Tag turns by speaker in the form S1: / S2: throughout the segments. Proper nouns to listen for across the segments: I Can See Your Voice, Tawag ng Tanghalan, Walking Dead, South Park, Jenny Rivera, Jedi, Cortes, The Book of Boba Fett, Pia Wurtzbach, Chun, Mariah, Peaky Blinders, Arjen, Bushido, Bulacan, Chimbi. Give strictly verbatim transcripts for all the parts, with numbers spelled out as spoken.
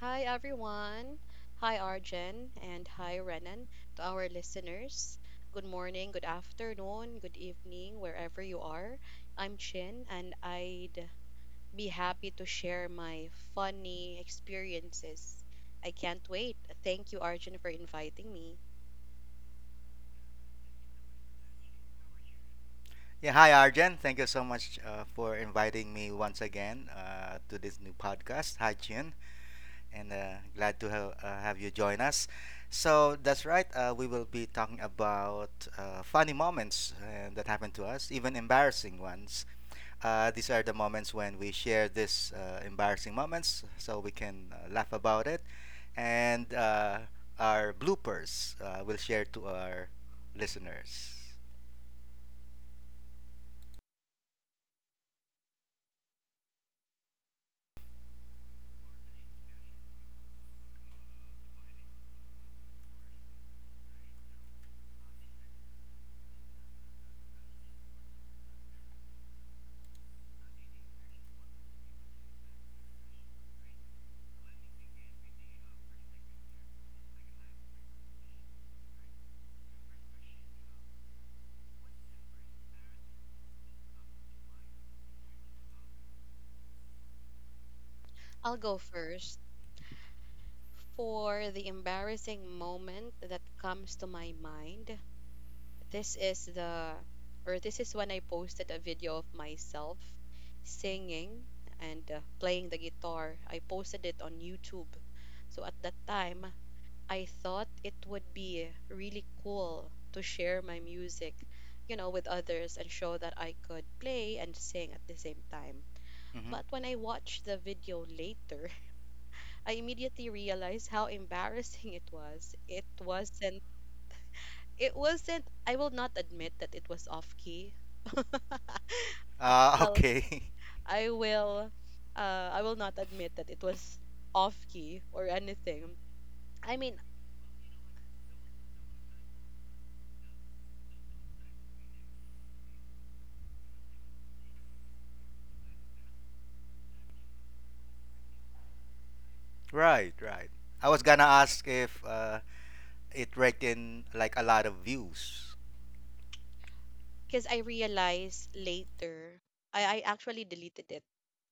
S1: Hi, everyone. Hi, Arjen, and hi, Renan. To our listeners, good morning, good afternoon, good evening, wherever you are. I'm Chin, and I'd be happy to share my funny experiences. I can't wait. Thank you, Arjen, for inviting me.
S2: Yeah, hi Arjen. Thank you so much uh, for inviting me once again uh, to this new podcast. Hi Chun, and uh, glad to ha- uh, have you join us. So that's right. Uh, we will be talking about uh, funny moments uh, that happened to us, even embarrassing ones. Uh, these are the moments when we share these uh, embarrassing moments, so we can uh, laugh about it, and uh, our bloopers uh, will share to our listeners.
S1: I'll go first. For the embarrassing moment that comes to my mind, this is the or this is when I posted a video of myself singing and uh, playing the guitar. I posted it on YouTube. So at that time, I thought it would be really cool to share my music, you know, with others and show that I could play and sing at the same time.
S2: hmm
S1: But when I watched the video later, I immediately realized how embarrassing it was. It wasn't it wasn't, I will not admit that it was off key. Uh,
S2: uh,
S1: well,
S2: okay.
S1: I will, uh, I will not admit that it was off key or anything. I mean,
S2: Right, right. I was gonna ask if uh, it reckon like a lot of views.
S1: because I realized later, I, I actually deleted it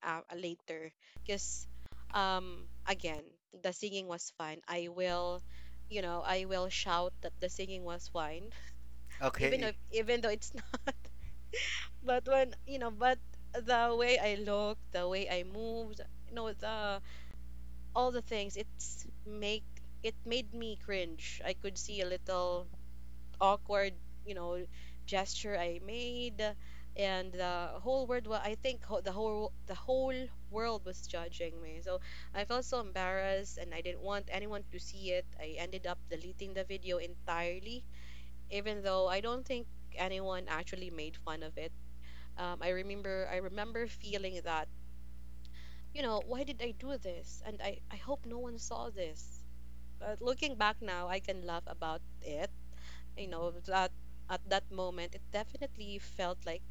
S1: uh, later, because um again, the singing was fine. I will you know i will shout that the singing was fine even if
S2: Okay,
S1: even though it's not. But when you know but the way I looked, the way I moved, you know the all the things, it's make it made me cringe. I could see a little awkward you know gesture I made, and the whole world, well, I think, ho- the whole the whole world was judging me. So I felt so embarrassed, and I didn't want anyone to see it. I ended up deleting the video entirely, even though I don't think anyone actually made fun of it. um, i remember i remember feeling that, you know why did I do this, and i i hope no one saw this. But looking back now, I can laugh about it. you know that at that moment, it definitely felt like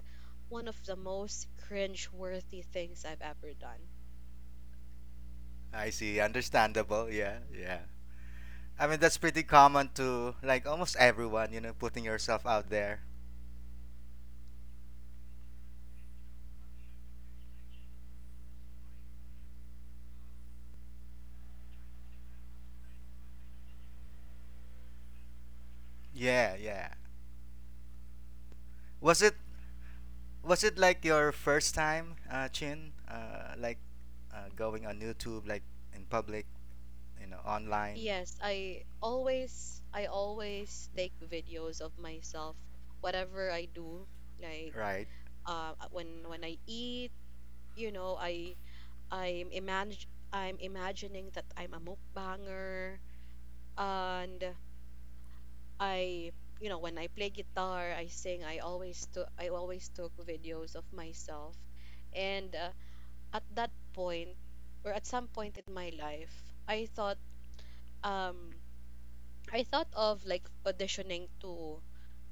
S1: one of the most cringe worthy things I've ever done.
S2: I see. Understandable. Yeah, yeah. I mean that's pretty common to like almost everyone, you know, putting yourself out there. Yeah, yeah. Was it was it like your first time, uh, Chin? Uh, like uh, going on YouTube, like in public, you know, online,
S1: Yes, i always i always take videos of myself, whatever I do, like
S2: right?
S1: uh when when I eat. You know i I'm imag- I'm imagining that I'm a mukbanger, and I you know when I play guitar, I sing. I always took I always took videos of myself. And uh, at that point, or at some point in my life, I thought um I thought of, like, auditioning to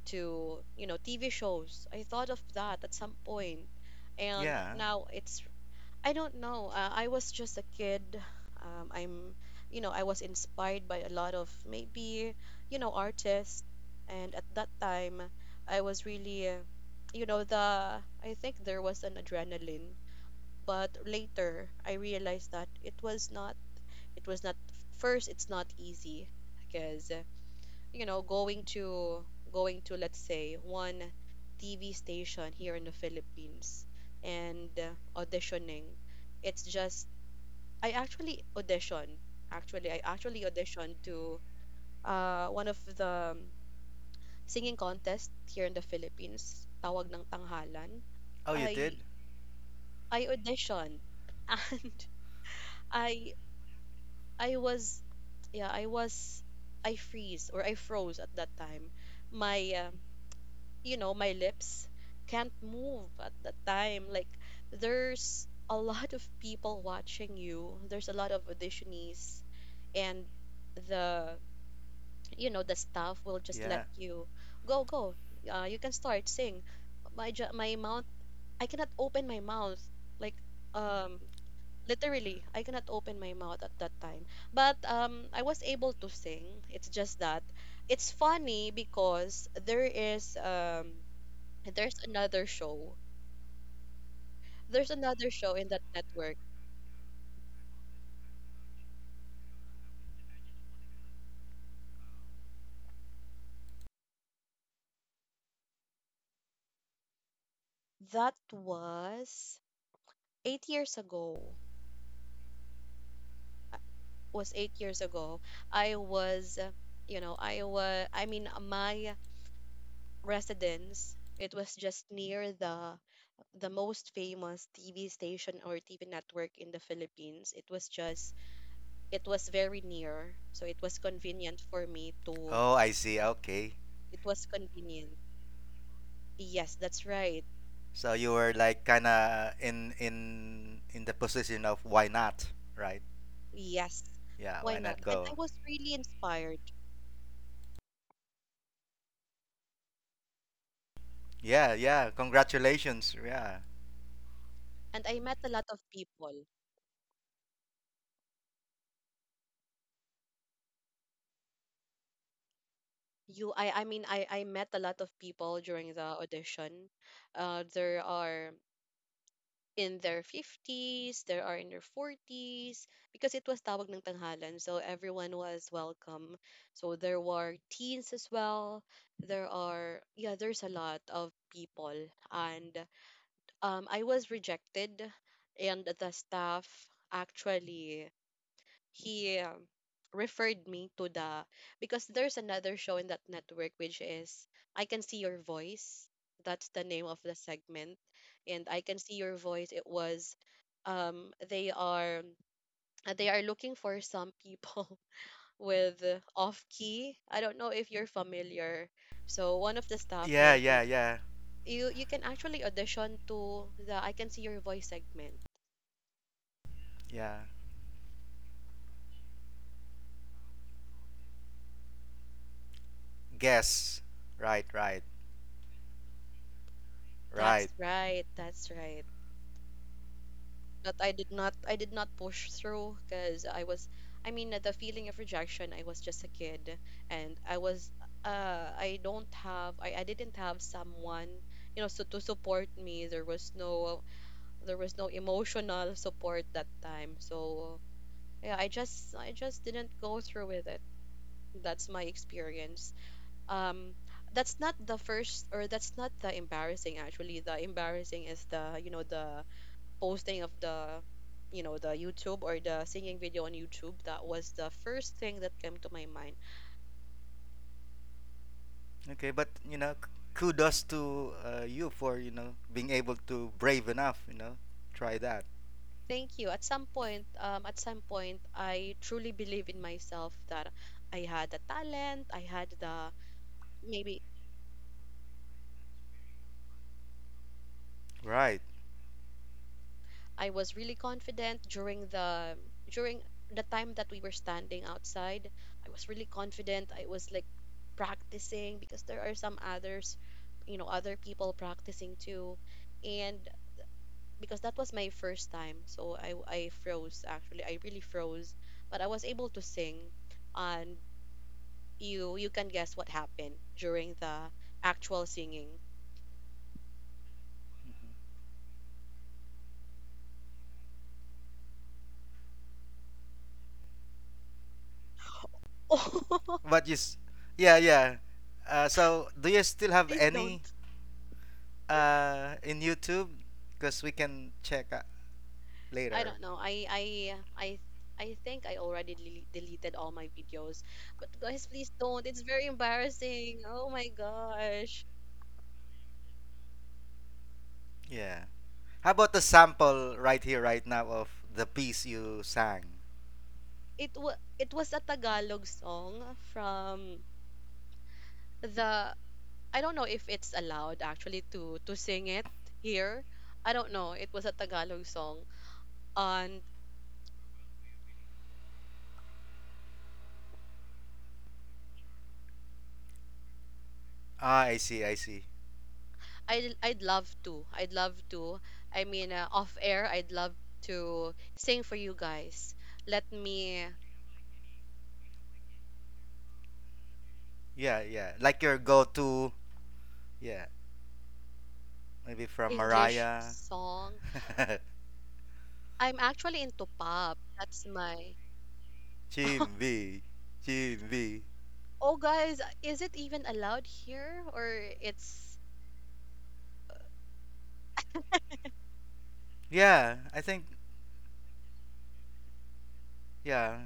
S1: to you know T V shows. I thought of that at some point. And
S2: Yeah.
S1: now, it's I don't know. Uh, I was just a kid. Um, I'm, you know, I was inspired by a lot of, maybe, you know, artists. And at that time, I was really, uh, you know, the, I think, there was an adrenaline. But later, I realized that it was not, it was not, first, it's not easy because, uh, you know, going to, going to, let's say, one T V station here in the Philippines, and uh, auditioning. It's just I actually auditioned. Actually, I actually auditioned to uh, one of the um, singing contest here in the Philippines, tawag ng tanghalan.
S2: Oh, you
S1: I
S2: did?
S1: I auditioned, and I I was, yeah, I was I freeze, or I froze at that time. My uh, you know, my lips can't move at that time. Like, there's a lot of people watching you. There's a lot of auditionees, and the you know the staff will just let
S2: Yeah.
S1: you go go uh, You can start sing. My jo- my mouth, I cannot open my mouth. Like, um literally, I cannot open my mouth at that time. But um I was able to sing. It's just that it's funny because there is um there's another show. There's another show in that network that was eight years ago was eight years ago. I was, uh, you know, I was, I mean, my residence, it was just near the the most famous T V station or T V network in the Philippines. It was just, it was very near, so it was convenient for me to.
S2: Oh, I see. Okay.
S1: It was convenient. Yes, that's right.
S2: So you were like kind of in in in the position of why not, right?
S1: Yes,
S2: Yeah,
S1: why
S2: why not
S1: not? And
S2: go?
S1: I was really inspired,
S2: Yeah, yeah. Congratulations. Yeah.
S1: and I met a lot of people. You I I mean, I I met a lot of people during the audition. Uh there are in their fifties, there are in their forties, because it was tawag ng tanghalan. So everyone was welcome. So there were teens as well. There are yeah, there's a lot of people, and um I was rejected. And the staff, actually, he um, referred me to the because there's another show in that network, which is I Can See Your Voice. That's the name of the segment. And I Can See Your Voice, it was um they are they are looking for some people with off key. I don't know if you're familiar. So one of the staff
S2: Yeah, yeah,
S1: mentioned,
S2: yeah.
S1: you you can actually audition to the I Can See Your Voice segment.
S2: Yeah. Guess. Right, right. Right.
S1: That's right. That's right. that I did not I did not push through because I was I mean, the feeling of rejection, I was just a kid, and I was uh I don't have I, I didn't have someone, you know so to support me. There was no, there was no emotional support that time, so yeah, I just I just didn't go through with it. That's my experience. um that's not the first or that's not the embarrassing. Actually, the embarrassing is the you know the posting of the you know the youtube or the singing video on YouTube. That was the first thing that came to my mind.
S2: Okay, but you know, k- kudos to uh, you for, you know, being able to brave enough, you know, try that.
S1: Thank you. At some point um at some point, I truly believe in myself that I had the talent. I had the Maybe
S2: Right.
S1: I was really confident during the during the time that we were standing outside. I was really confident. I was, like, practicing because there are some others, you know other people practicing too. And because that was my first time. So I I froze, actually. I really froze. But I was able to sing, and you you can guess what happened during the actual singing.
S2: Mhm.
S1: Oh,
S2: But you s- Yeah, yeah. Uh, so do you still have
S1: please don't.
S2: any uh in YouTube? Because we can check. Uh,
S1: I
S2: later.
S1: don't know. I I I I think I already dele- deleted all my videos. But guys, please don't. It's very embarrassing. Oh my gosh.
S2: Yeah. How about the sample right here, right now of the piece you sang?
S1: It was it was a Tagalog song from the I don't know if it's allowed, actually, to to sing it here. I don't know. It was a Tagalog song, and
S2: Ah, I see, I see.
S1: I I'd love to. I'd love to. I mean, uh, off air, I'd love to sing for you guys. Let me
S2: Yeah, yeah. Like your go to, yeah. Maybe from
S1: English
S2: Mariah.
S1: song. I'm actually into pop. That's my.
S2: Chimbi, Chimbi.
S1: Oh guys, is it even allowed here, or it's
S2: Yeah, I think, yeah.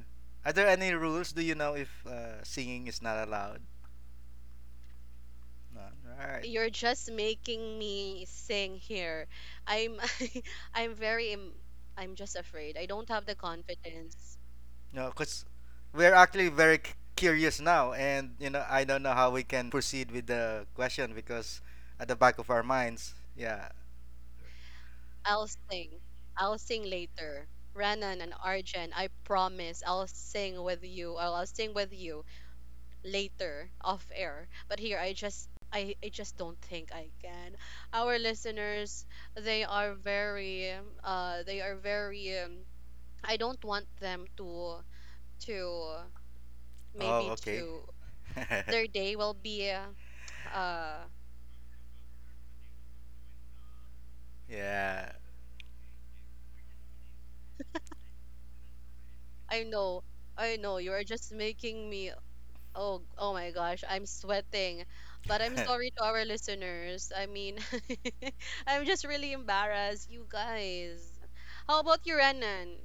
S2: Are there any rules? Do you know if uh, singing is not allowed? No. Alright,
S1: you're just making me sing here? I'm I'm very em- I'm just afraid. I don't have the confidence.
S2: no, because we're actually very c- curious now, and you know, I don't know how we can proceed with the question because at the back of our minds, yeah.
S1: I'll sing. I'll sing later. Ranan and Arjen, I promise I'll sing with you. I'll, I'll sing with you later off air. But here, I just I, I just don't think I can. Our listeners, they are very uh they are very um, I don't want them to to
S2: Oh,
S1: maybe
S2: okay.
S1: to their day will be uh uh,
S2: yeah.
S1: I know, I know you are just making me, oh oh my gosh. I'm sweating. But I'm sorry to our listeners. I mean, I'm just really embarrassed, you guys. How about you, Renan?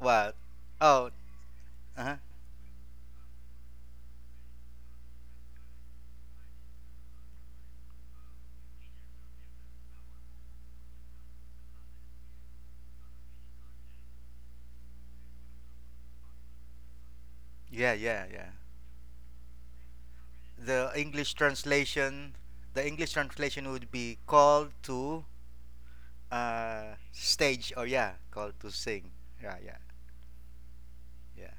S2: what? Oh, uh-huh. Yeah, yeah, yeah. The English translation, the English translation would be called to uh stage or yeah, called to sing. Yeah, yeah, yeah.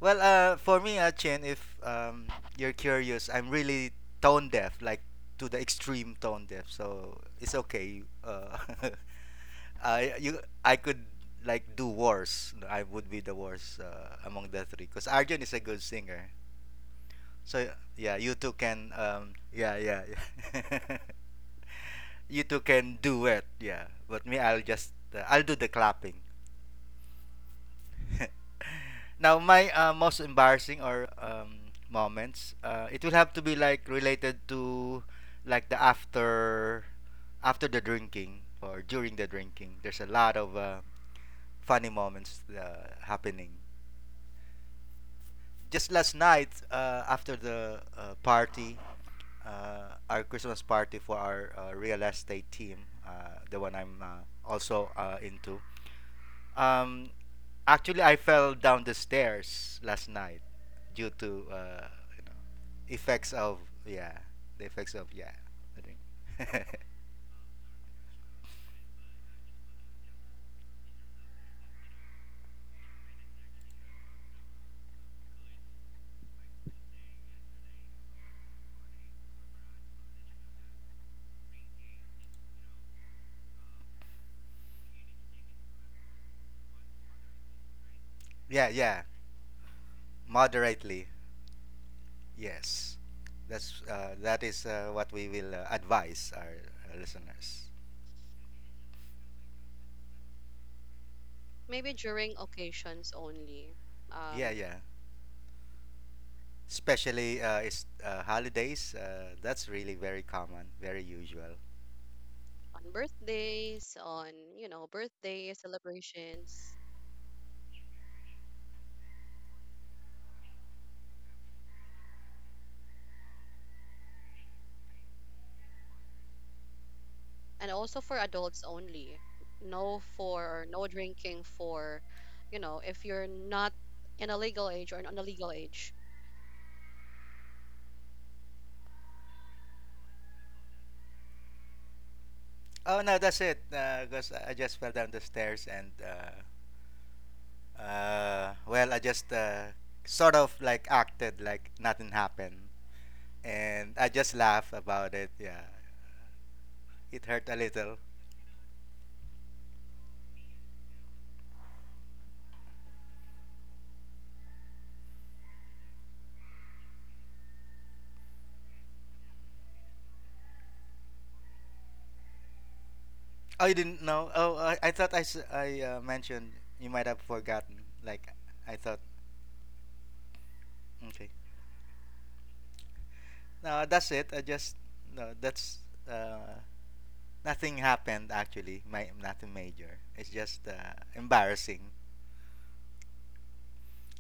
S2: Well, uh, for me, uh, Chin, if um, you're curious, I'm really tone deaf, like to the extreme tone deaf. So it's okay. Uh, I you I could like do worse. I would be the worst uh, among the three because Arjun is a good singer. So yeah, you two can um, yeah yeah. Yeah. you two can duet. Yeah, but me, I'll just uh, I'll do the clapping. Now, my uh, most embarrassing or um, moments, uh, it will have to be like related to like the after after the drinking or during the drinking. There's a lot of uh, funny moments uh, happening. Just last night, uh, after the uh, party, uh, our Christmas party for our uh, real estate team, uh, the one I'm uh, also uh, into. Um, Actually, I fell down the stairs last night due to uh, you know effects of yeah the effects of yeah, I think, yeah, yeah, moderately, yes, that's uh, that is uh, what we will uh, advise our, uh listeners,
S1: Maybe during occasions only, um
S2: yeah, yeah, especially uh, it's uh, holidays, uh, that's really very common, very usual.
S1: on birthdays, on, you know birthday celebrations. And also for adults only. No, for or no drinking for, you know if you're not in a legal age or an illegal age.
S2: Oh no, that's it because I I just fell down the stairs and uh, Uh, well, I just uh, sort of like acted like nothing happened, and I just laugh about it. Yeah, it hurt a little. Oh, you didn't know? Oh, I, I thought I, s- I, uh, mentioned. You might have forgotten. Like, I thought. Okay. No, that's it. I just no. That's uh, nothing happened actually. My nothing major. It's just uh, embarrassing.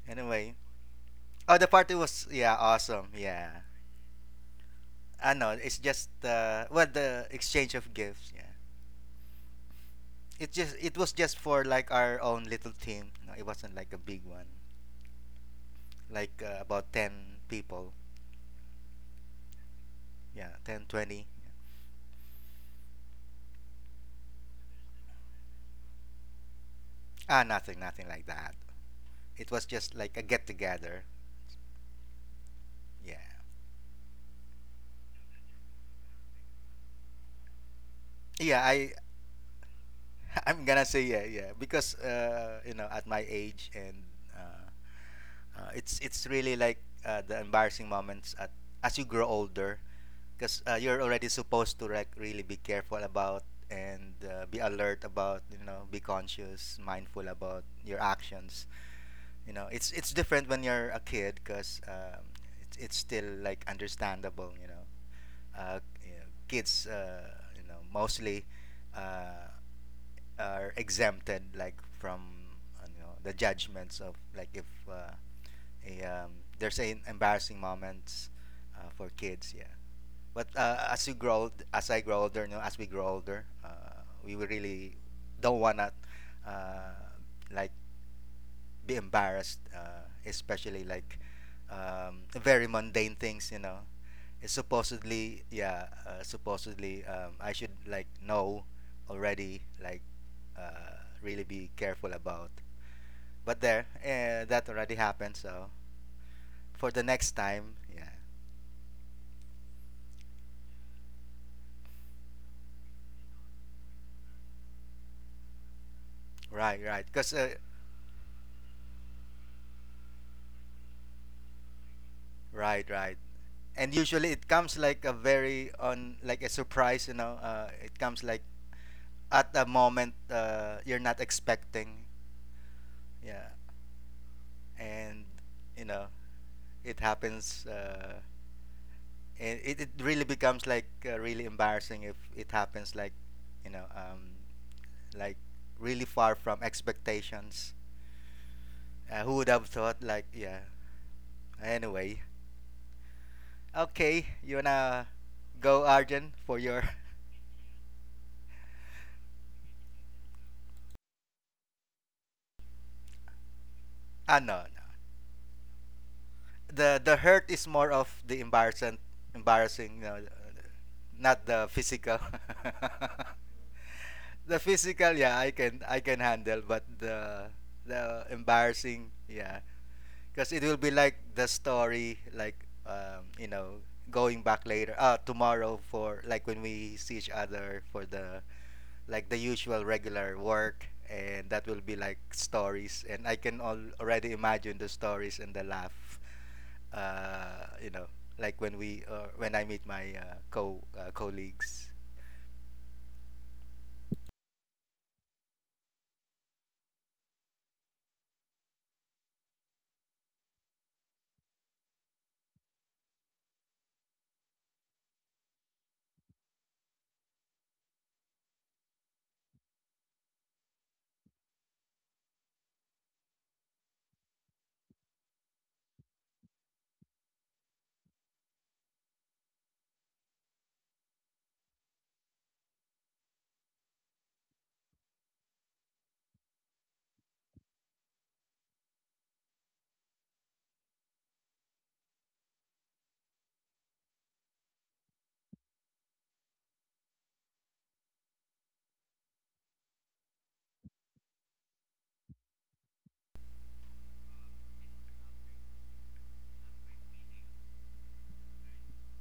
S2: Anyway. Oh, the party was, yeah, awesome. Yeah. I know. It's just uh, well, the exchange of gifts. Yeah. it just it was just for like our own little team. No, it wasn't like a big one. Like uh, about ten people. Yeah, ten, twenty. Ah, nothing, nothing like that. It was just like a get together. Yeah. Yeah, I I'm going to say yeah, yeah, because uh, you know, at my age and uh, uh, it's it's really like uh, the embarrassing moments at as you grow older because uh, you're already supposed to like really be careful about and uh, be alert about, you know, be conscious, mindful about your actions. You know, it's it's different when you're a kid because um, it's, it's still like understandable, you know, uh, you know kids uh, you know mostly uh, are exempted like from uh, you know the judgments of like if uh, a, um, there's an embarrassing moments uh, for kids, yeah, but uh, as you grow, old- as I grow older, no, as we grow older, uh, we will really don't wanna uh, like be embarrassed, uh, especially like um, very mundane things. You know, it's supposedly, yeah, uh, supposedly um, I should like know already, like uh, really be careful about. But there, uh, that already happened. So for the next time, yeah, right, right, because. Uh, Right, right. And usually it comes like a very on like a surprise, you know. Uh, it comes like at a moment uh, you're not expecting. Yeah. And you know, it happens uh, and it, it really becomes like uh, really embarrassing if it happens like, you know, um, like really far from expectations. Uh, who would have thought, like, yeah. Anyway. Okay, you wanna go Arjun for your Ah no, no. the the hurt is more of the embarrassing embarrassing, you know, not the physical, the physical, yeah, I can I can handle, but the the embarrassing, yeah, because it will be like the story, like um you know, going back later uh tomorrow for like when we see each other for the like the usual regular work. And that will be like stories, and I can all already imagine the stories and the laugh, uh, you know, like when we uh, when I meet my uh, co uh, colleagues.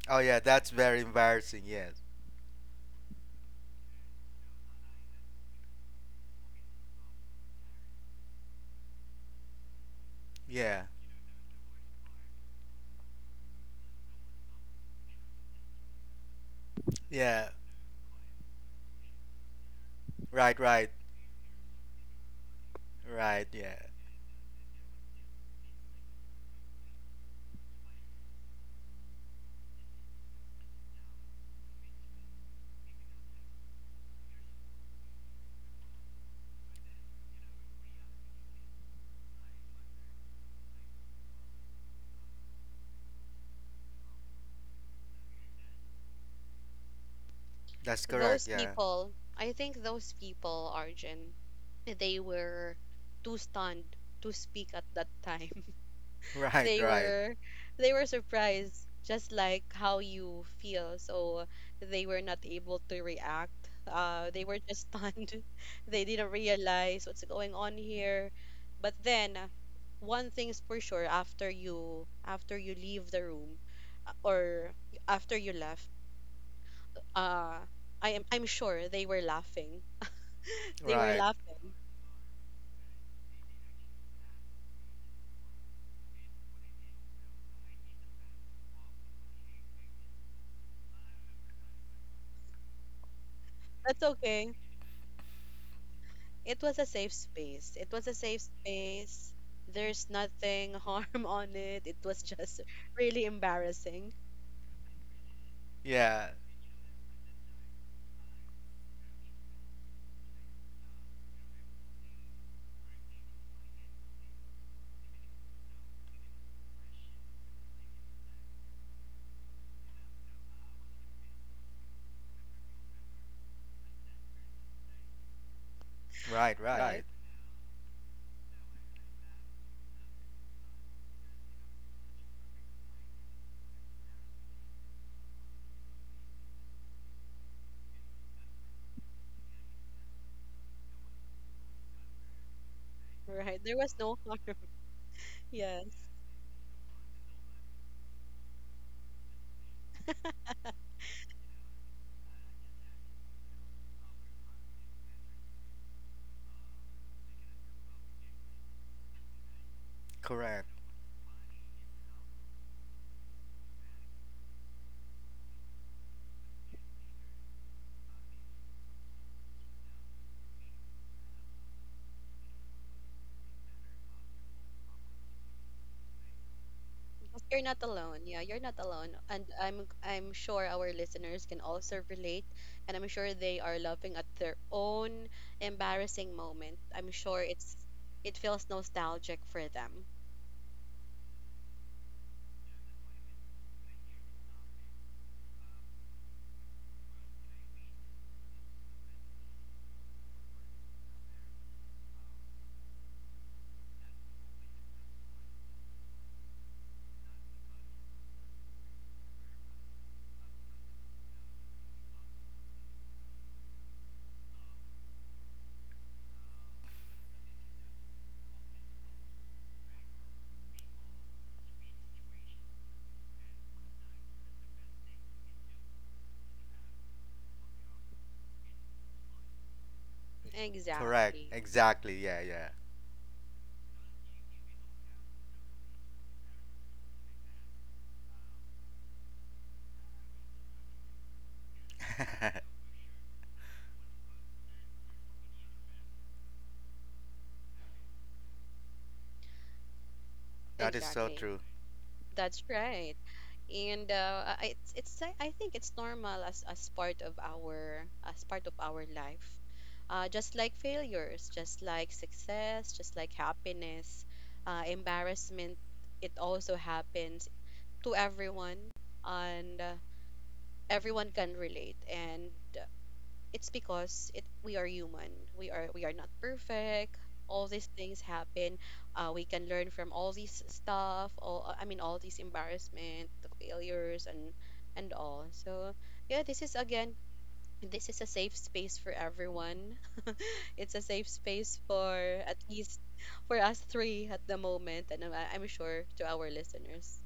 S2: Oh yeah, that's very embarrassing. Yes. Yeah. Yeah. Right. Right. Right. Yeah. That's correct.
S1: Those
S2: Yeah.
S1: people, I think those people Arjun, they were too stunned to speak at that time.
S2: Right.
S1: They
S2: Right.
S1: were, they were surprised, just like how you feel. So they were not able to react. Uh they were just stunned. They didn't realize what's going on here. But then, uh, one thing's for sure. After you, after you leave the room, uh, or after you left, uh i am I'm sure they were laughing. They were
S2: Right.
S1: laughing. That's okay. It was a safe space. It was a safe space. There's nothing harm on it. It was just really embarrassing,
S2: Yeah. Right.
S1: right?
S2: Right.
S1: Right. There was no harm. Yes.
S2: Correct.
S1: Because you're not alone. Yeah, you're not alone. And I'm I'm sure our listeners can also relate. And I'm sure they are laughing at their own embarrassing moment. I'm sure it's it feels nostalgic for them.
S2: Correct.
S1: Exactly.
S2: Exactly. Yeah. Yeah. that is so
S1: Exactly.
S2: true.
S1: That's right. And uh, I- it's it's I I think it's normal, as as part of our, as part of our life. Uh, just like failures, just like success, just like happiness, uh, embarrassment, it also happens to everyone. And uh, everyone can relate. And it's because, it we are human. We are we are not perfect. All these things happen. Uh, we can learn from all these stuff. All I mean, all these embarrassment, the failures, and and all. So yeah, this is, again, this is a safe space for everyone. It's a safe space for at least for us three at the moment, and I'm, I'm sure to our listeners.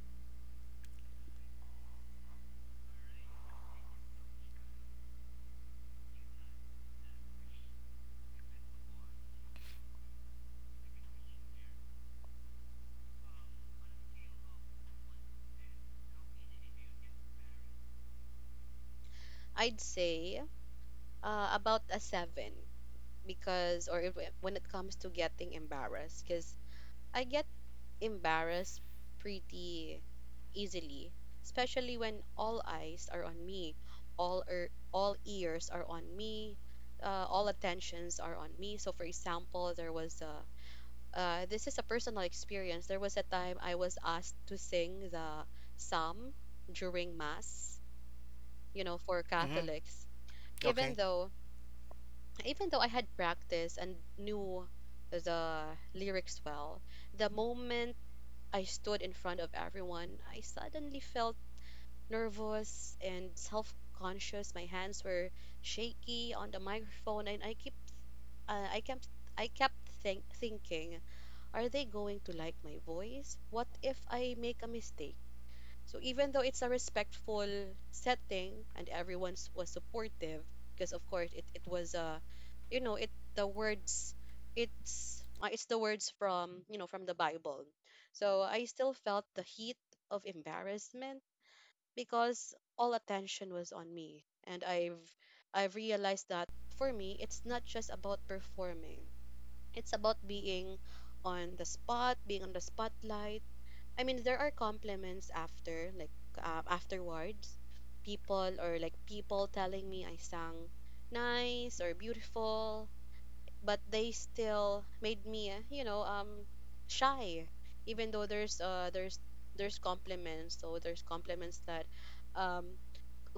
S1: I'd say uh, about a seven because or if, when it comes to getting embarrassed, because I get embarrassed pretty easily, especially when all eyes are on me, all er, all ears are on me, uh, all attentions are on me. So, for example, there was a uh, this is a personal experience. There was a time I was asked to sing the psalm during mass, you know, for
S2: Mhm.
S1: Catholics. Even
S2: Okay.
S1: though even though I had practiced and knew the lyrics well, the moment I stood in front of everyone, I suddenly felt nervous and self conscious. My hands were shaky on the microphone, and I keep, uh, I kept, I kept think- thinking, are they going to like my voice? What if I make a mistake? So even though it's a respectful setting and everyone s- was supportive, because of course it, it was a you know it the words it's uh, it's the words from you know from the Bible. So I still felt the heat of embarrassment because all attention was on me, and I've I've realized that for me it's not just about performing. It's about being on the spot, being on the spotlight, I mean, there are compliments after, like uh, afterwards, people or like people telling me I sang nice or beautiful, but they still made me, uh, you know, um, shy. Even though there's uh there's there's compliments, so there's compliments that um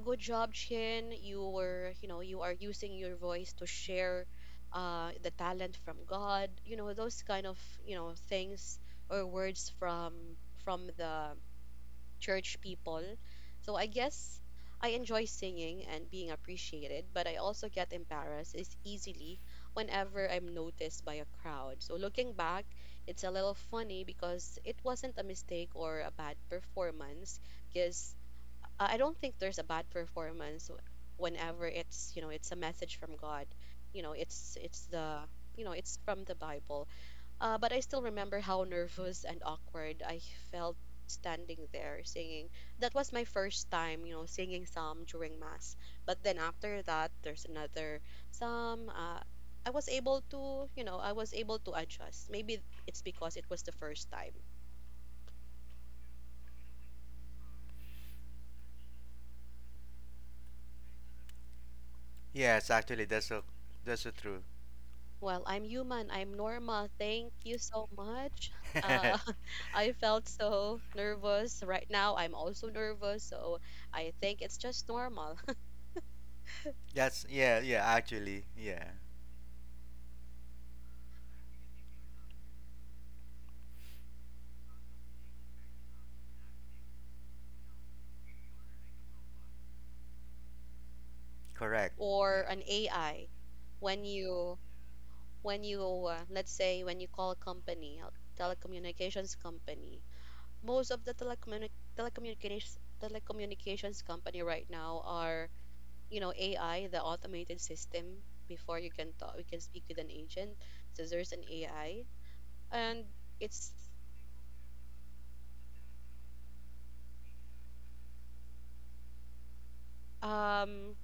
S1: good job, Chin. You were, you know, you are using your voice to share uh, the talent from God. You know, those kind of, you know, things or words from from the church people. So I guess I enjoy singing and being appreciated, but I also get embarrassed is easily whenever I'm noticed by a crowd. So looking back, it's a little funny because it wasn't a mistake or a bad performance because uh, I don't think there's a bad performance w- whenever it's you know it's a message from God, you know it's it's the you know it's from the Bible, uh, but I still remember how nervous and awkward I felt standing there singing. That was my first time, you know, singing psalm during mass. But then after that there's another psalm, uh, I was able to you know I was able to adjust. Maybe it's because it was the first time.
S2: Yes. Actually, that's so, that's so true.
S1: Well, I'm human. I'm Norma. Thank you so much. Uh, I felt so nervous. Right now, I'm also nervous. So I think it's just normal
S2: that's yeah. Yeah. Actually. Yeah. Correct.
S1: or
S2: Yeah.
S1: an A I. When you, when you, uh, let's say, when you call a company, a telecommunications company, most of the telecommuni- telecommunications telecommunications company right now are, you know, A I, the automated system. Before you can talk, we can speak with an agent. So there's an A I and it's um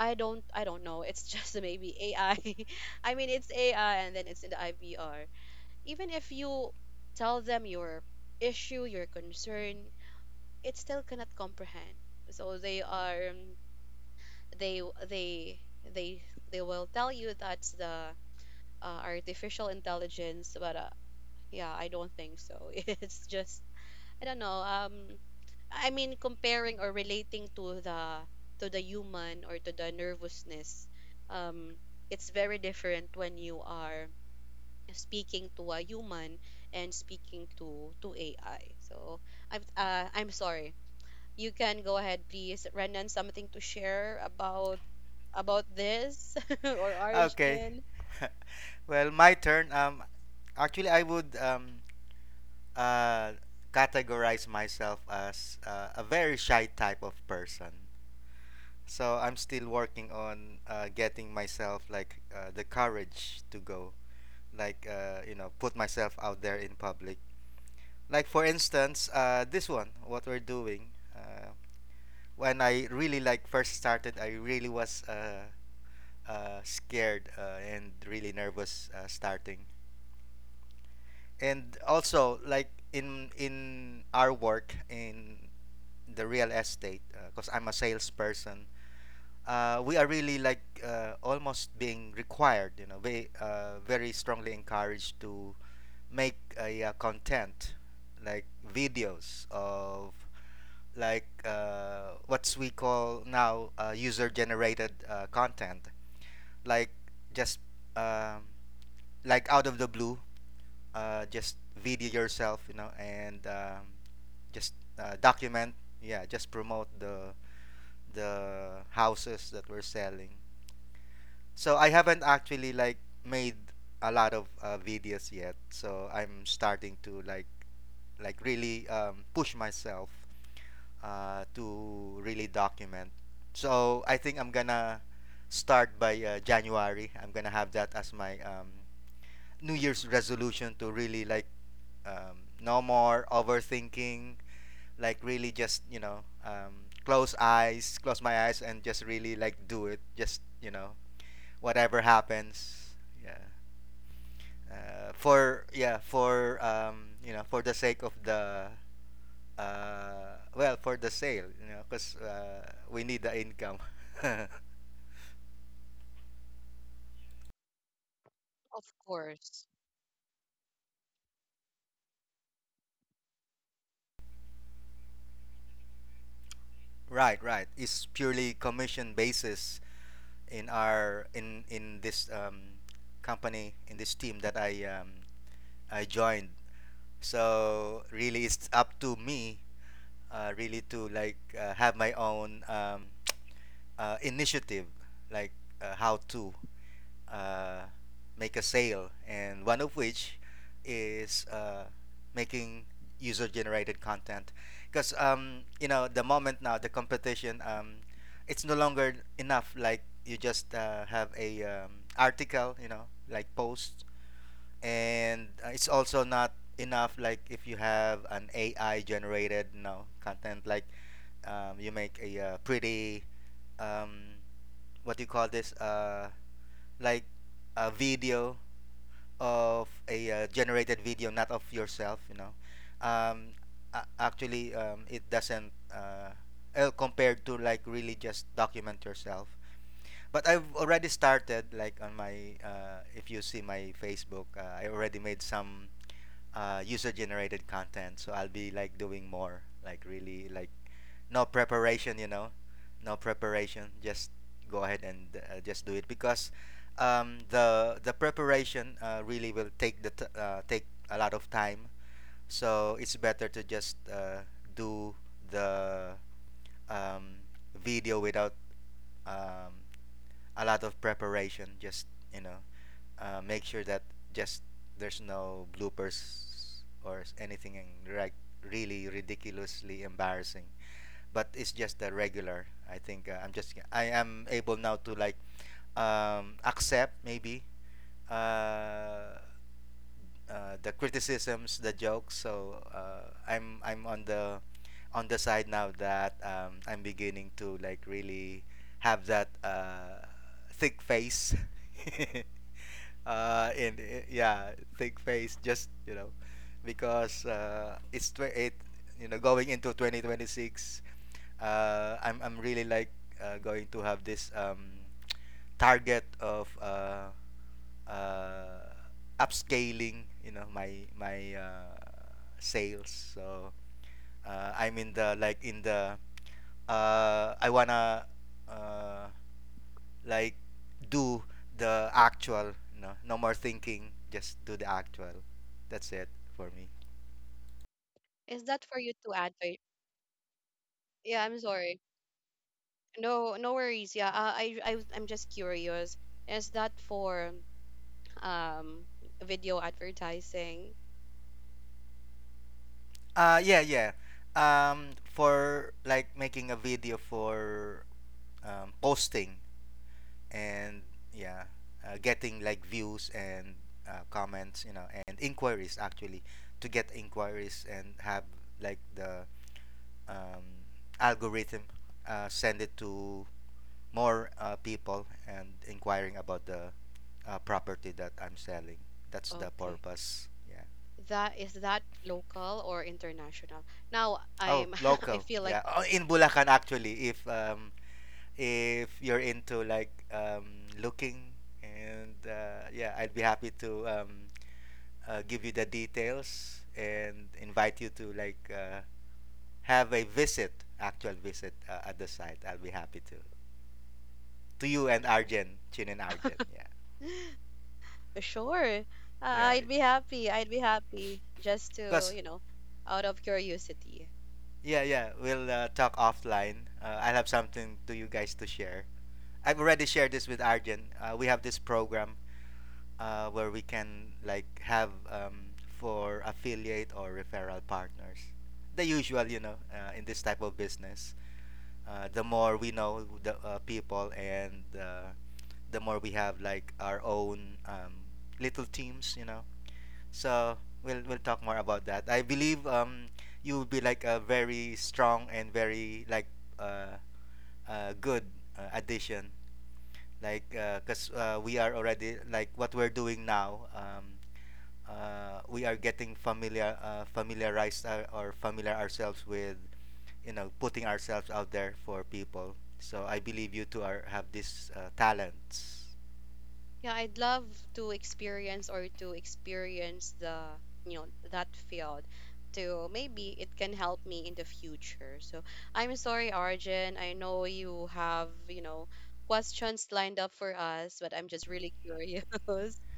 S1: I don't I don't know. It's just maybe A I. I I mean it's A I and then it's in the I V R. Even if you tell them your issue, your concern, it still cannot comprehend. So they are um, they they they they will tell you that's the uh, artificial intelligence, but uh, yeah, I don't think so. It's just I don't know. Um, I mean, comparing or relating to the to the human or to the nervousness, um, it's very different when you are speaking to a human and speaking to to A I. So I'm uh, I'm sorry. You can go ahead, please. Renan, something to share about about this or
S2: Okay.
S1: Arjun?
S2: well, my turn. Um, actually, I would um uh categorize myself as uh, a very shy type of person. So I'm still working on uh, getting myself like uh, the courage to go, like, uh, you know, put myself out there in public. Like for instance, uh, this one, what we're doing. Uh, when I really like first started, I really was uh, uh, scared uh, and really nervous uh, starting. And also, like in in our work in the real estate, because I'm a salesperson, uh, we are really like uh, almost being required, you know, we uh, very strongly encouraged to make a uh, content like videos of like uh, what we call now uh, user generated uh, content, like just um, like out of the blue, uh, just video yourself, you know, and um, just uh, document. Yeah, just promote the the houses that we're selling. So I haven't actually like made a lot of uh, videos yet. So I'm starting to like like really um, push myself uh, to really document. So I think I'm gonna start by uh, January. I'm gonna have that as my um, New Year's resolution to really like um, no more overthinking, like really just, you know, um, close eyes, close my eyes and just really like do it, just, you know, whatever happens, yeah, uh, for yeah for um, you know, for the sake of the uh, well, for the sale, you know, because uh, we need the income.
S1: Of course.
S2: right, right. It's purely commission basis in our in in this um, company in this team that I um, I joined. So really, it's up to me, uh, really to like uh, have my own um, uh, initiative, like uh, how to uh, make a sale, and one of which is uh, making user-generated content, because um, you know the moment now the competition, um, it's no longer enough. Like you just uh, have a um, article, you know, like post, and uh, it's also not enough like if you have an A I generated, you know, content, like um, you make a uh, pretty um, what do you call this, uh, like a video of a uh, generated video, not of yourself, you know, um, a- actually um, it doesn't uh, uh, compared to like really just document yourself. But I've already started like on my uh, if you see my Facebook, uh, I already made some uh, user generated content. So I'll be like doing more, like really like no preparation, you know, no preparation. Just go ahead and uh, just do it because um, the the preparation uh, really will take the t- uh, take a lot of time. So it's better to just uh, do the um, video without um, a lot of preparation. Just you know, uh, make sure that just there's no bloopers or s- anything in reg- really ridiculously embarrassing, but it's just the regular. I think uh, i'm just I am able now to like um, accept maybe uh, uh, the criticisms, the jokes. So uh, i'm i'm on the on the side now that um, I'm beginning to like really have that uh, thick face uh, in, i- yeah, thick face. Just you know, because uh, it's tw- it, you know, going into twenty twenty-six. uh, I'm I'm really like uh, going to have this um, target of uh, uh, upscaling. You know, my my uh, sales. So uh, I'm in the like in the uh, I wanna uh, like do the actual. No no More thinking, just do the actual. That's it for me.
S1: Is that for you to add? Faith? Yeah, I'm sorry. No, no worries. Yeah, uh, I, I, was- I'm just curious. Is that for um video advertising?
S2: uh yeah yeah um for like making a video for um, posting. And yeah, uh, getting like views and uh, comments, you know, and inquiries. Actually, to get inquiries and have like the um, algorithm uh, send it to more uh, people and inquiring about the uh, property that I'm selling. That's the
S1: Okay.
S2: purpose. Yeah.
S1: That is that local or international? Now
S2: Oh,
S1: I'm, I
S2: local.
S1: feel like,
S2: Yeah. Oh, in Bulacan actually. If um if you're into like um looking, and uh, yeah, I'd be happy to um uh, give you the details and invite you to like uh, have a visit, actual visit uh, at the site. I'll be happy to. To you and Arjen, Chin and Arjen. Yeah.
S1: sure. Uh,
S2: Yeah.
S1: I'd be happy. I'd be happy just to,
S2: Because
S1: you know, out of curiosity.
S2: yeah, yeah, we'll uh, talk offline. Uh, I'll have something to you guys to share. I've already shared this with Arjun. Uh, we have this program uh, where we can like have um, for affiliate or referral partners. The usual, you know, uh, in this type of business. Uh, the more we know the uh, people and uh, the more we have like our own um, little teams, you know. So we'll we'll talk more about that. I believe um you will be like a very strong and very like uh, uh good uh, addition. Like because uh, we are already like what we're doing now. Um, uh, we are getting familiar, uh, familiarized, uh, or familiar ourselves with, you know, putting ourselves out there for people. So I believe you two are have these uh, talents.
S1: Yeah, I'd love to experience or to experience the you know that field to maybe it can help me in the future. So I'm sorry, Arjun. I know you have, you know, questions lined up for us, but I'm just really curious.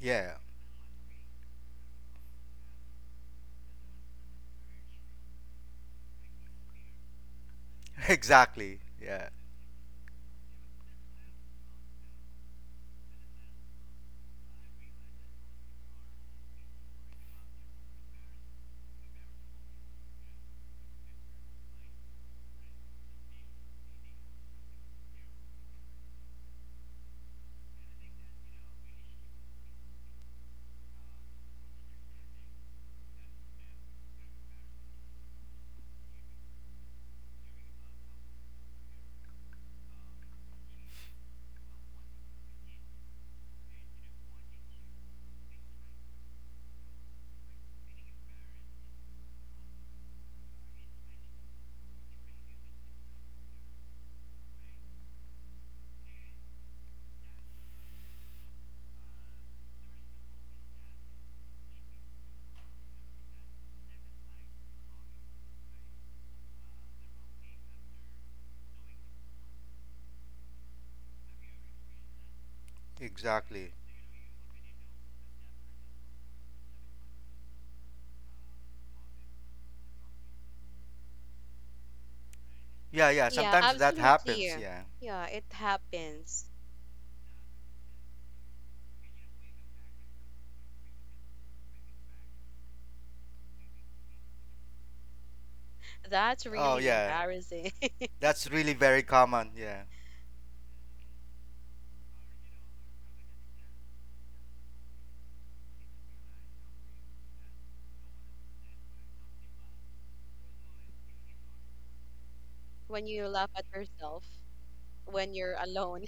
S2: Yeah. Exactly. Yeah, exactly. Yeah, yeah.
S1: Yeah,
S2: Sometimes that happens.
S1: absolutely.
S2: Yeah.
S1: Yeah, it happens. That's
S2: Oh,
S1: really
S2: yeah.
S1: embarrassing
S2: That's really very common. Yeah.
S1: when you laugh at yourself when you're alone.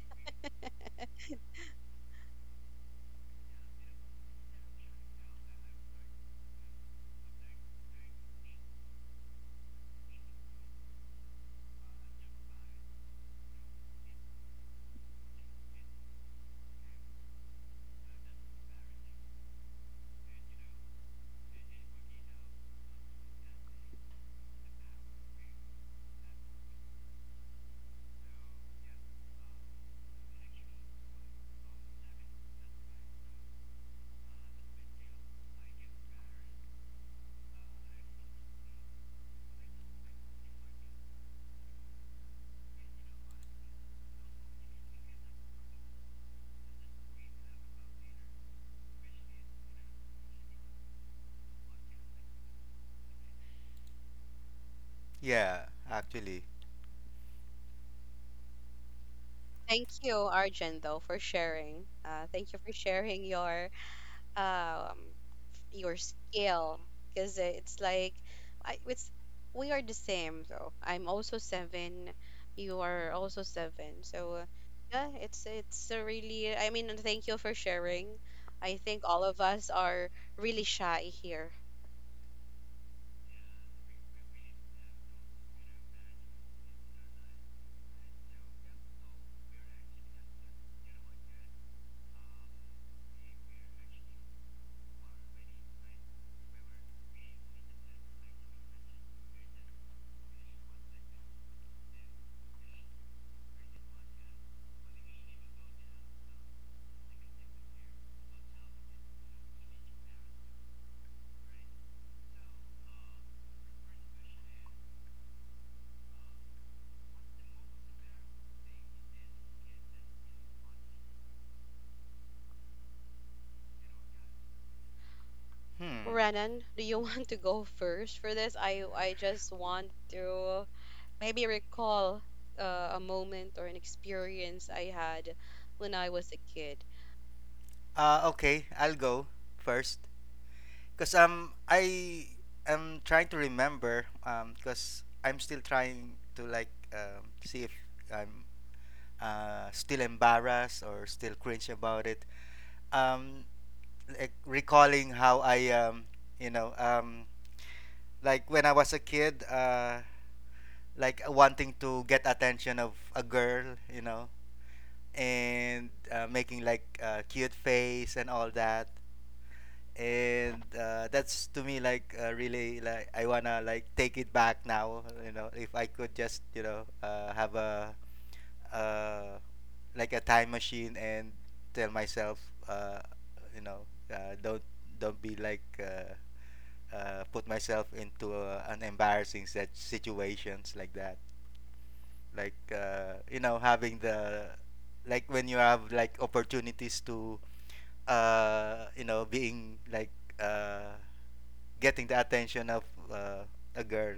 S2: Yeah, actually.
S1: Thank you, Arjun, though, for sharing. Uh, thank you for sharing your um your skill because it's like I, it's we are the same though. I'm also seven, you are also seven, so uh, yeah it's it's a really, I mean, and thank you for sharing. I think all of us are really shy here.
S2: Hmm.
S1: Renan, do you want to go first for this? I i just want to maybe recall uh, a moment or an experience I had when I was a kid.
S2: Uh, okay, I'll go first. Because um, I am trying to remember um, because I'm still trying to like um, see if I'm uh, still embarrassed or still cringe about it. Um, like recalling how I um, you know, um, like when I was a kid, uh, like uh, wanting to get attention of a girl, you know, and uh, making like a cute face and all that. And uh, that's to me like uh, really like I wanna like take it back now, you know. If I could just, you know, uh, have a uh, like a time machine and tell myself, uh, you know, uh, don't don't be like uh, uh, put myself into uh, an embarrassing such situations like that, like uh, you know, having the, like when you have like opportunities to uh, you know, being like uh, getting the attention of uh, a girl.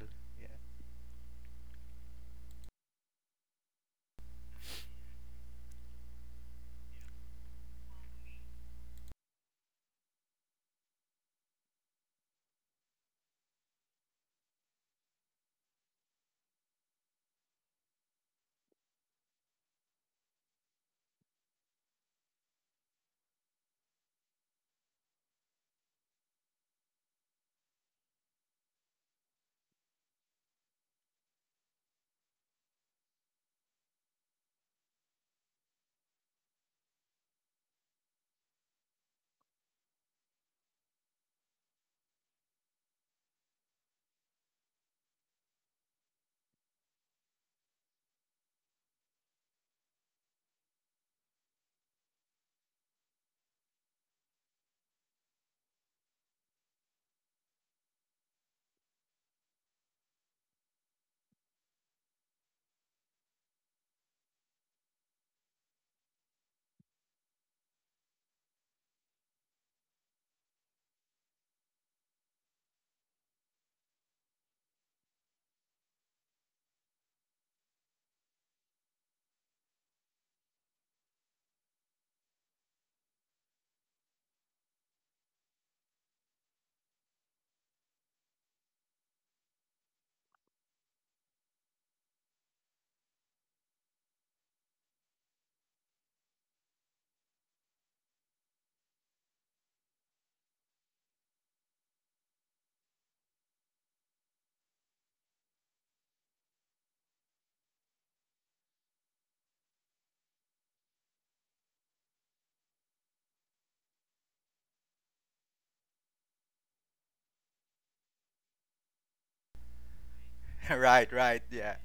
S2: Right, right. Yeah,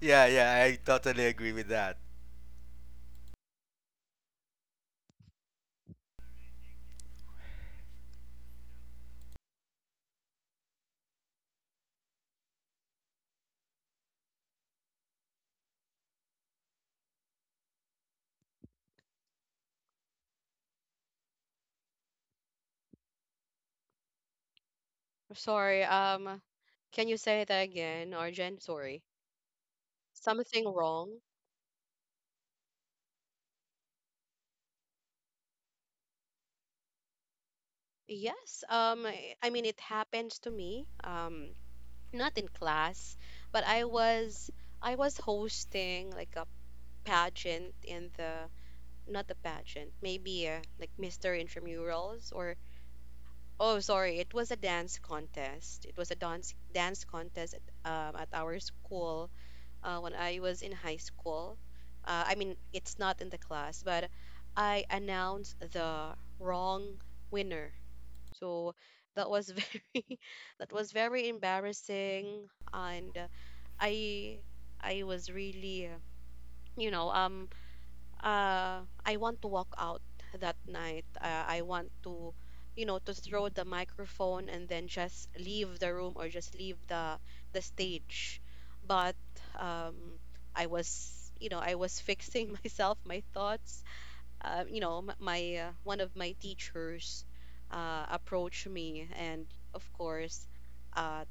S2: yeah, yeah, I totally agree with that.
S1: Sorry, um, can you say that again, Arjen? Sorry. Something wrong? Yes, um, I I mean it happens to me. Um, not in class, but I was I was hosting like a pageant in the not the pageant, maybe uh, like Mister Intramurals or oh, sorry. It was a dance contest. It was a dance dance contest at, um, at our school uh, when I was in high school. Uh, I mean, it's not in the class, but I announced the wrong winner. So that was very that was very embarrassing, and uh, I I was really uh, you know um uh, I want to walk out that night. Uh, I want to, you know, to throw the microphone and then just leave the room or just leave the the stage. But um, I was, you know, I was fixing myself, my thoughts. Uh, you know, m- my uh, one of my teachers uh, approached me, and of course, uh,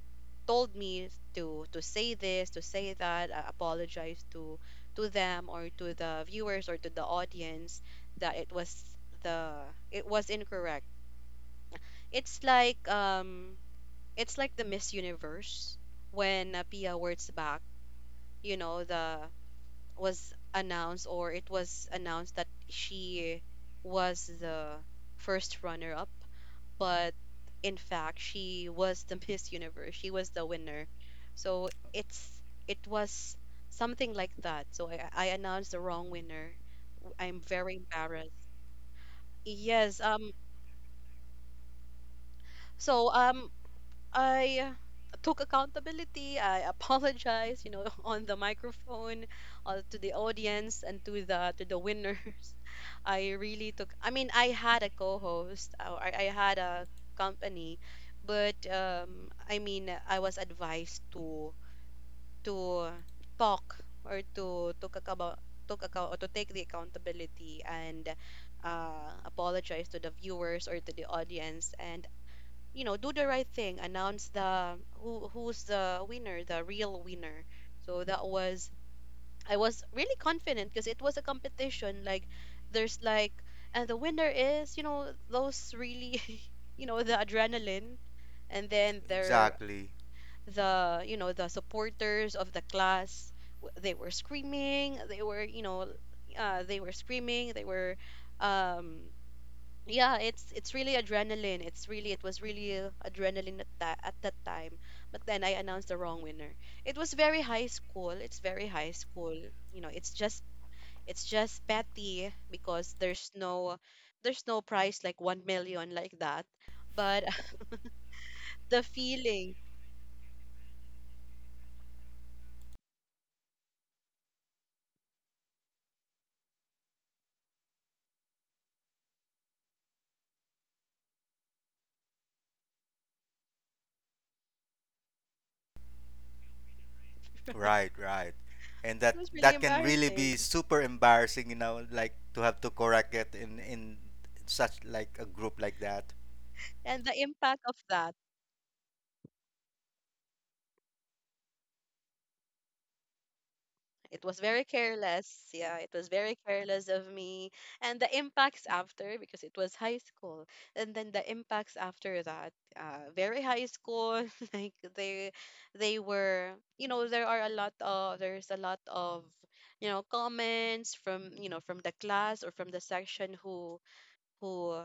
S1: told me to to say this, to say that, uh, apologize to to them or to the viewers or to the audience that it was the it was incorrect. It's like um it's like the Miss Universe when uh, Pia Wurtzbach, you know, the was announced or it was announced that she was the first runner up, but in fact she was the Miss Universe, she was the winner. So it's it was something like that. So i, I announced the wrong winner. W- i'm very embarrassed. Yes, um, so um I took accountability. I apologized, you know, on the microphone, uh, to the audience, and to the to the winners. I really took. I mean, I had a co-host. Uh, I, I had a company, but um, I mean, I was advised to to talk or to took about took account or to take the accountability, and uh, apologize to the viewers or to the audience, and you know do the right thing, announce the who who's the winner, the real winner. So that was I was really confident because it was a competition. Like there's like and the winner is, you know, those really you know the adrenaline and then there
S2: Exactly,
S1: the you know the supporters of the class w- they were screaming, they were, you know, uh, they were screaming, they were um yeah it's it's really adrenaline, it's really it was really uh, adrenaline at that at that time. But then I announced the wrong winner. It was very high school, it's very high school, you know, it's just it's just petty because there's no there's no price like one million like that, but the feeling it
S2: right, right. And that
S1: was really
S2: that can really
S1: embarrassing
S2: be super embarrassing, you know, like to have to correct it in in such like a group like that.
S1: and the impact of that it was very careless. Yeah, it was very careless of me. And the impacts after, because it was high school. And then the impacts after that, uh, very high school. Like they, they were, you know, there are a lot of, there's a lot of, you know, comments from, you know, from the class or from the section who, who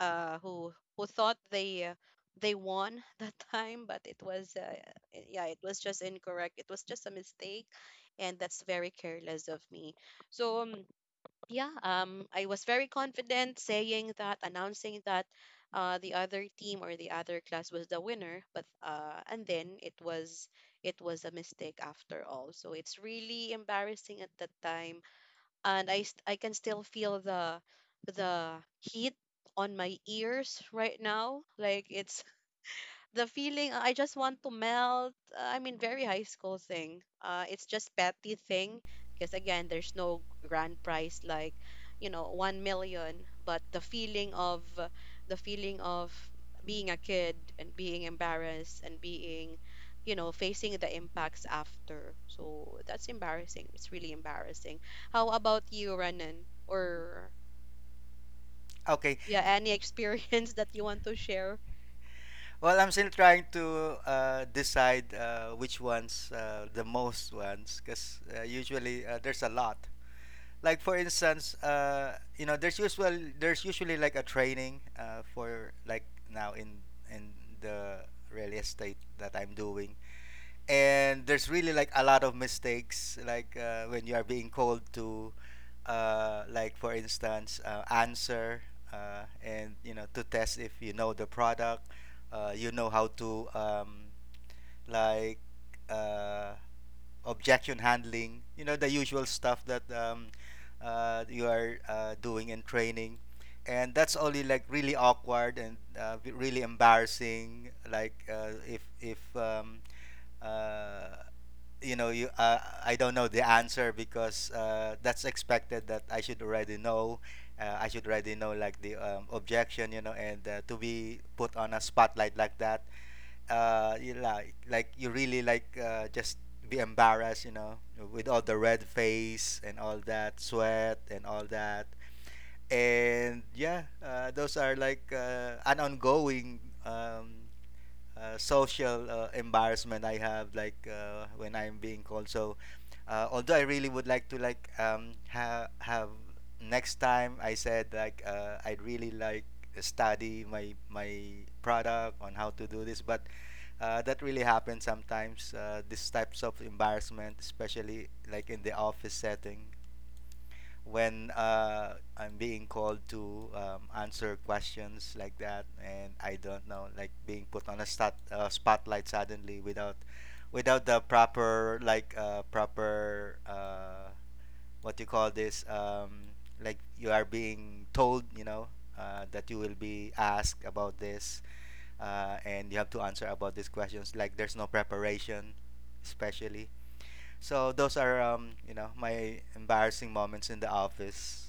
S1: uh, who who thought they uh, they won that time, but it was uh, i- yeah, it was just incorrect. It was just a mistake, and that's very careless of me. So um, yeah, um, I was very confident saying that, announcing that. Uh, the other team or the other class was the winner, but uh, and then it was it was a mistake after all. So it's really embarrassing at that time, and I st- I can still feel the the heat on my ears right now. Like it's the feeling uh, I just want to melt. Uh, I mean, very high school thing. Uh, it's just petty thing because again, there's no grand prize like you know one million, but the feeling of uh, the feeling of being a kid and being embarrassed and being you know facing the impacts after. So that's embarrassing, it's really embarrassing. How about you, Renan, or
S2: Okay.
S1: yeah, any experience that you want to share?
S2: Well, I'm still trying to uh, decide uh, which ones uh, the most ones, because uh, usually uh, there's a lot. Like for instance, uh, you know, there's usual there's usually like a training uh, for like now in in the real estate that I'm doing, and there's really like a lot of mistakes like uh, when you are being called to uh, like for instance uh, answer uh, and you know, to test if you know the product, uh, you know how to um, like uh, objection handling, you know, the usual stuff that um, uh, you are uh, doing in training. And that's only like really awkward and uh, really embarrassing like uh, if if um, uh, you know, you uh, I don't know the answer, because uh, that's expected that I should already know. uh, I should already know like the um, objection, you know, and uh, to be put on a spotlight like that, uh, you like like you really like uh, just be embarrassed, you know, with all the red face and all that sweat and all that. And yeah, uh, those are like uh, an ongoing um, uh, social uh, embarrassment I have, like uh, when I'm being called. So uh, although I really would like to like um, ha- have next time, I said like uh, I'd really like study my my product on how to do this, but uh, that really happens sometimes. Uh, these types of embarrassment, especially like in the office setting, when uh, I'm being called to um, answer questions like that, and I don't know, like being put on a stat, uh, spotlight suddenly without without the proper like uh, proper uh, what you call this, um, like you are being told, you know, uh, that you will be asked about this, uh, and you have to answer about these questions, like there's no preparation especially. So those are, um, you know, my embarrassing moments in the office.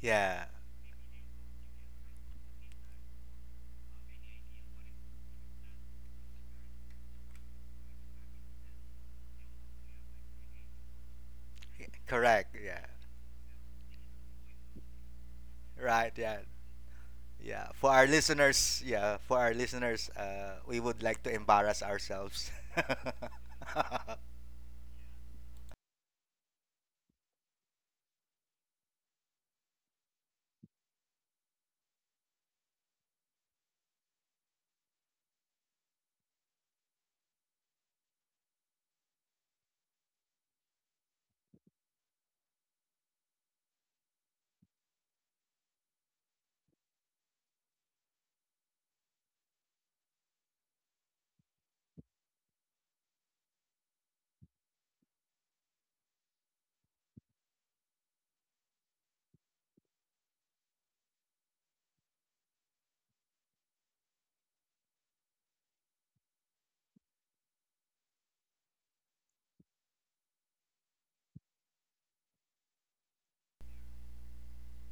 S2: Yeah, y- correct. Yeah, right. Yeah, yeah. For our listeners, yeah, for our listeners, uh, we would like to embarrass ourselves.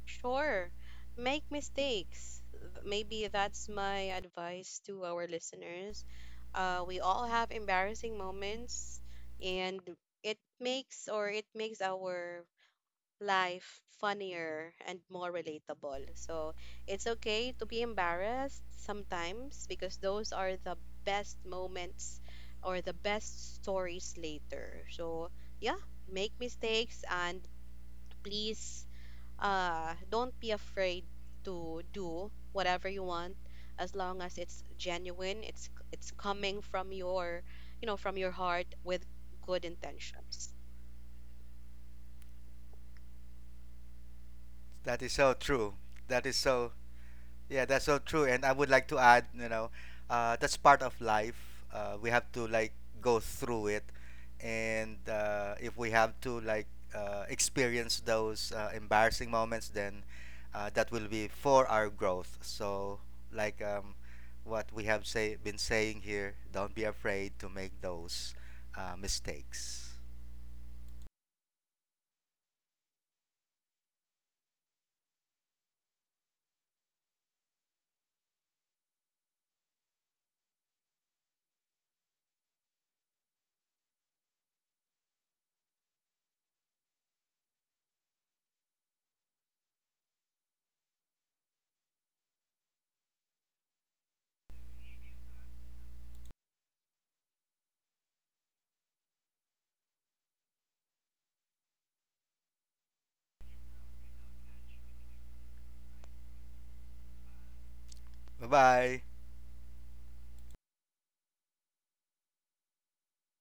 S1: Sure. Make mistakes. Th- Maybe that's my advice to our listeners. Uh, we all have embarrassing moments, and it makes or it makes our life funnier and more relatable. So it's okay to be embarrassed sometimes because those are the best moments or the best stories later. So yeah, make mistakes and please uh don't be afraid to do whatever you want as long as it's genuine, it's it's coming from your you know from your heart with good intentions.
S2: That is so true. That is so. Yeah, that's so true. And I would like to add, you know, uh, that's part of life. Uh, we have to like go through it, and uh, if we have to like uh, experience those uh, embarrassing moments, then uh, that will be for our growth. So, like um, what we have say been saying here, don't be afraid to make those uh, mistakes. Bye bye.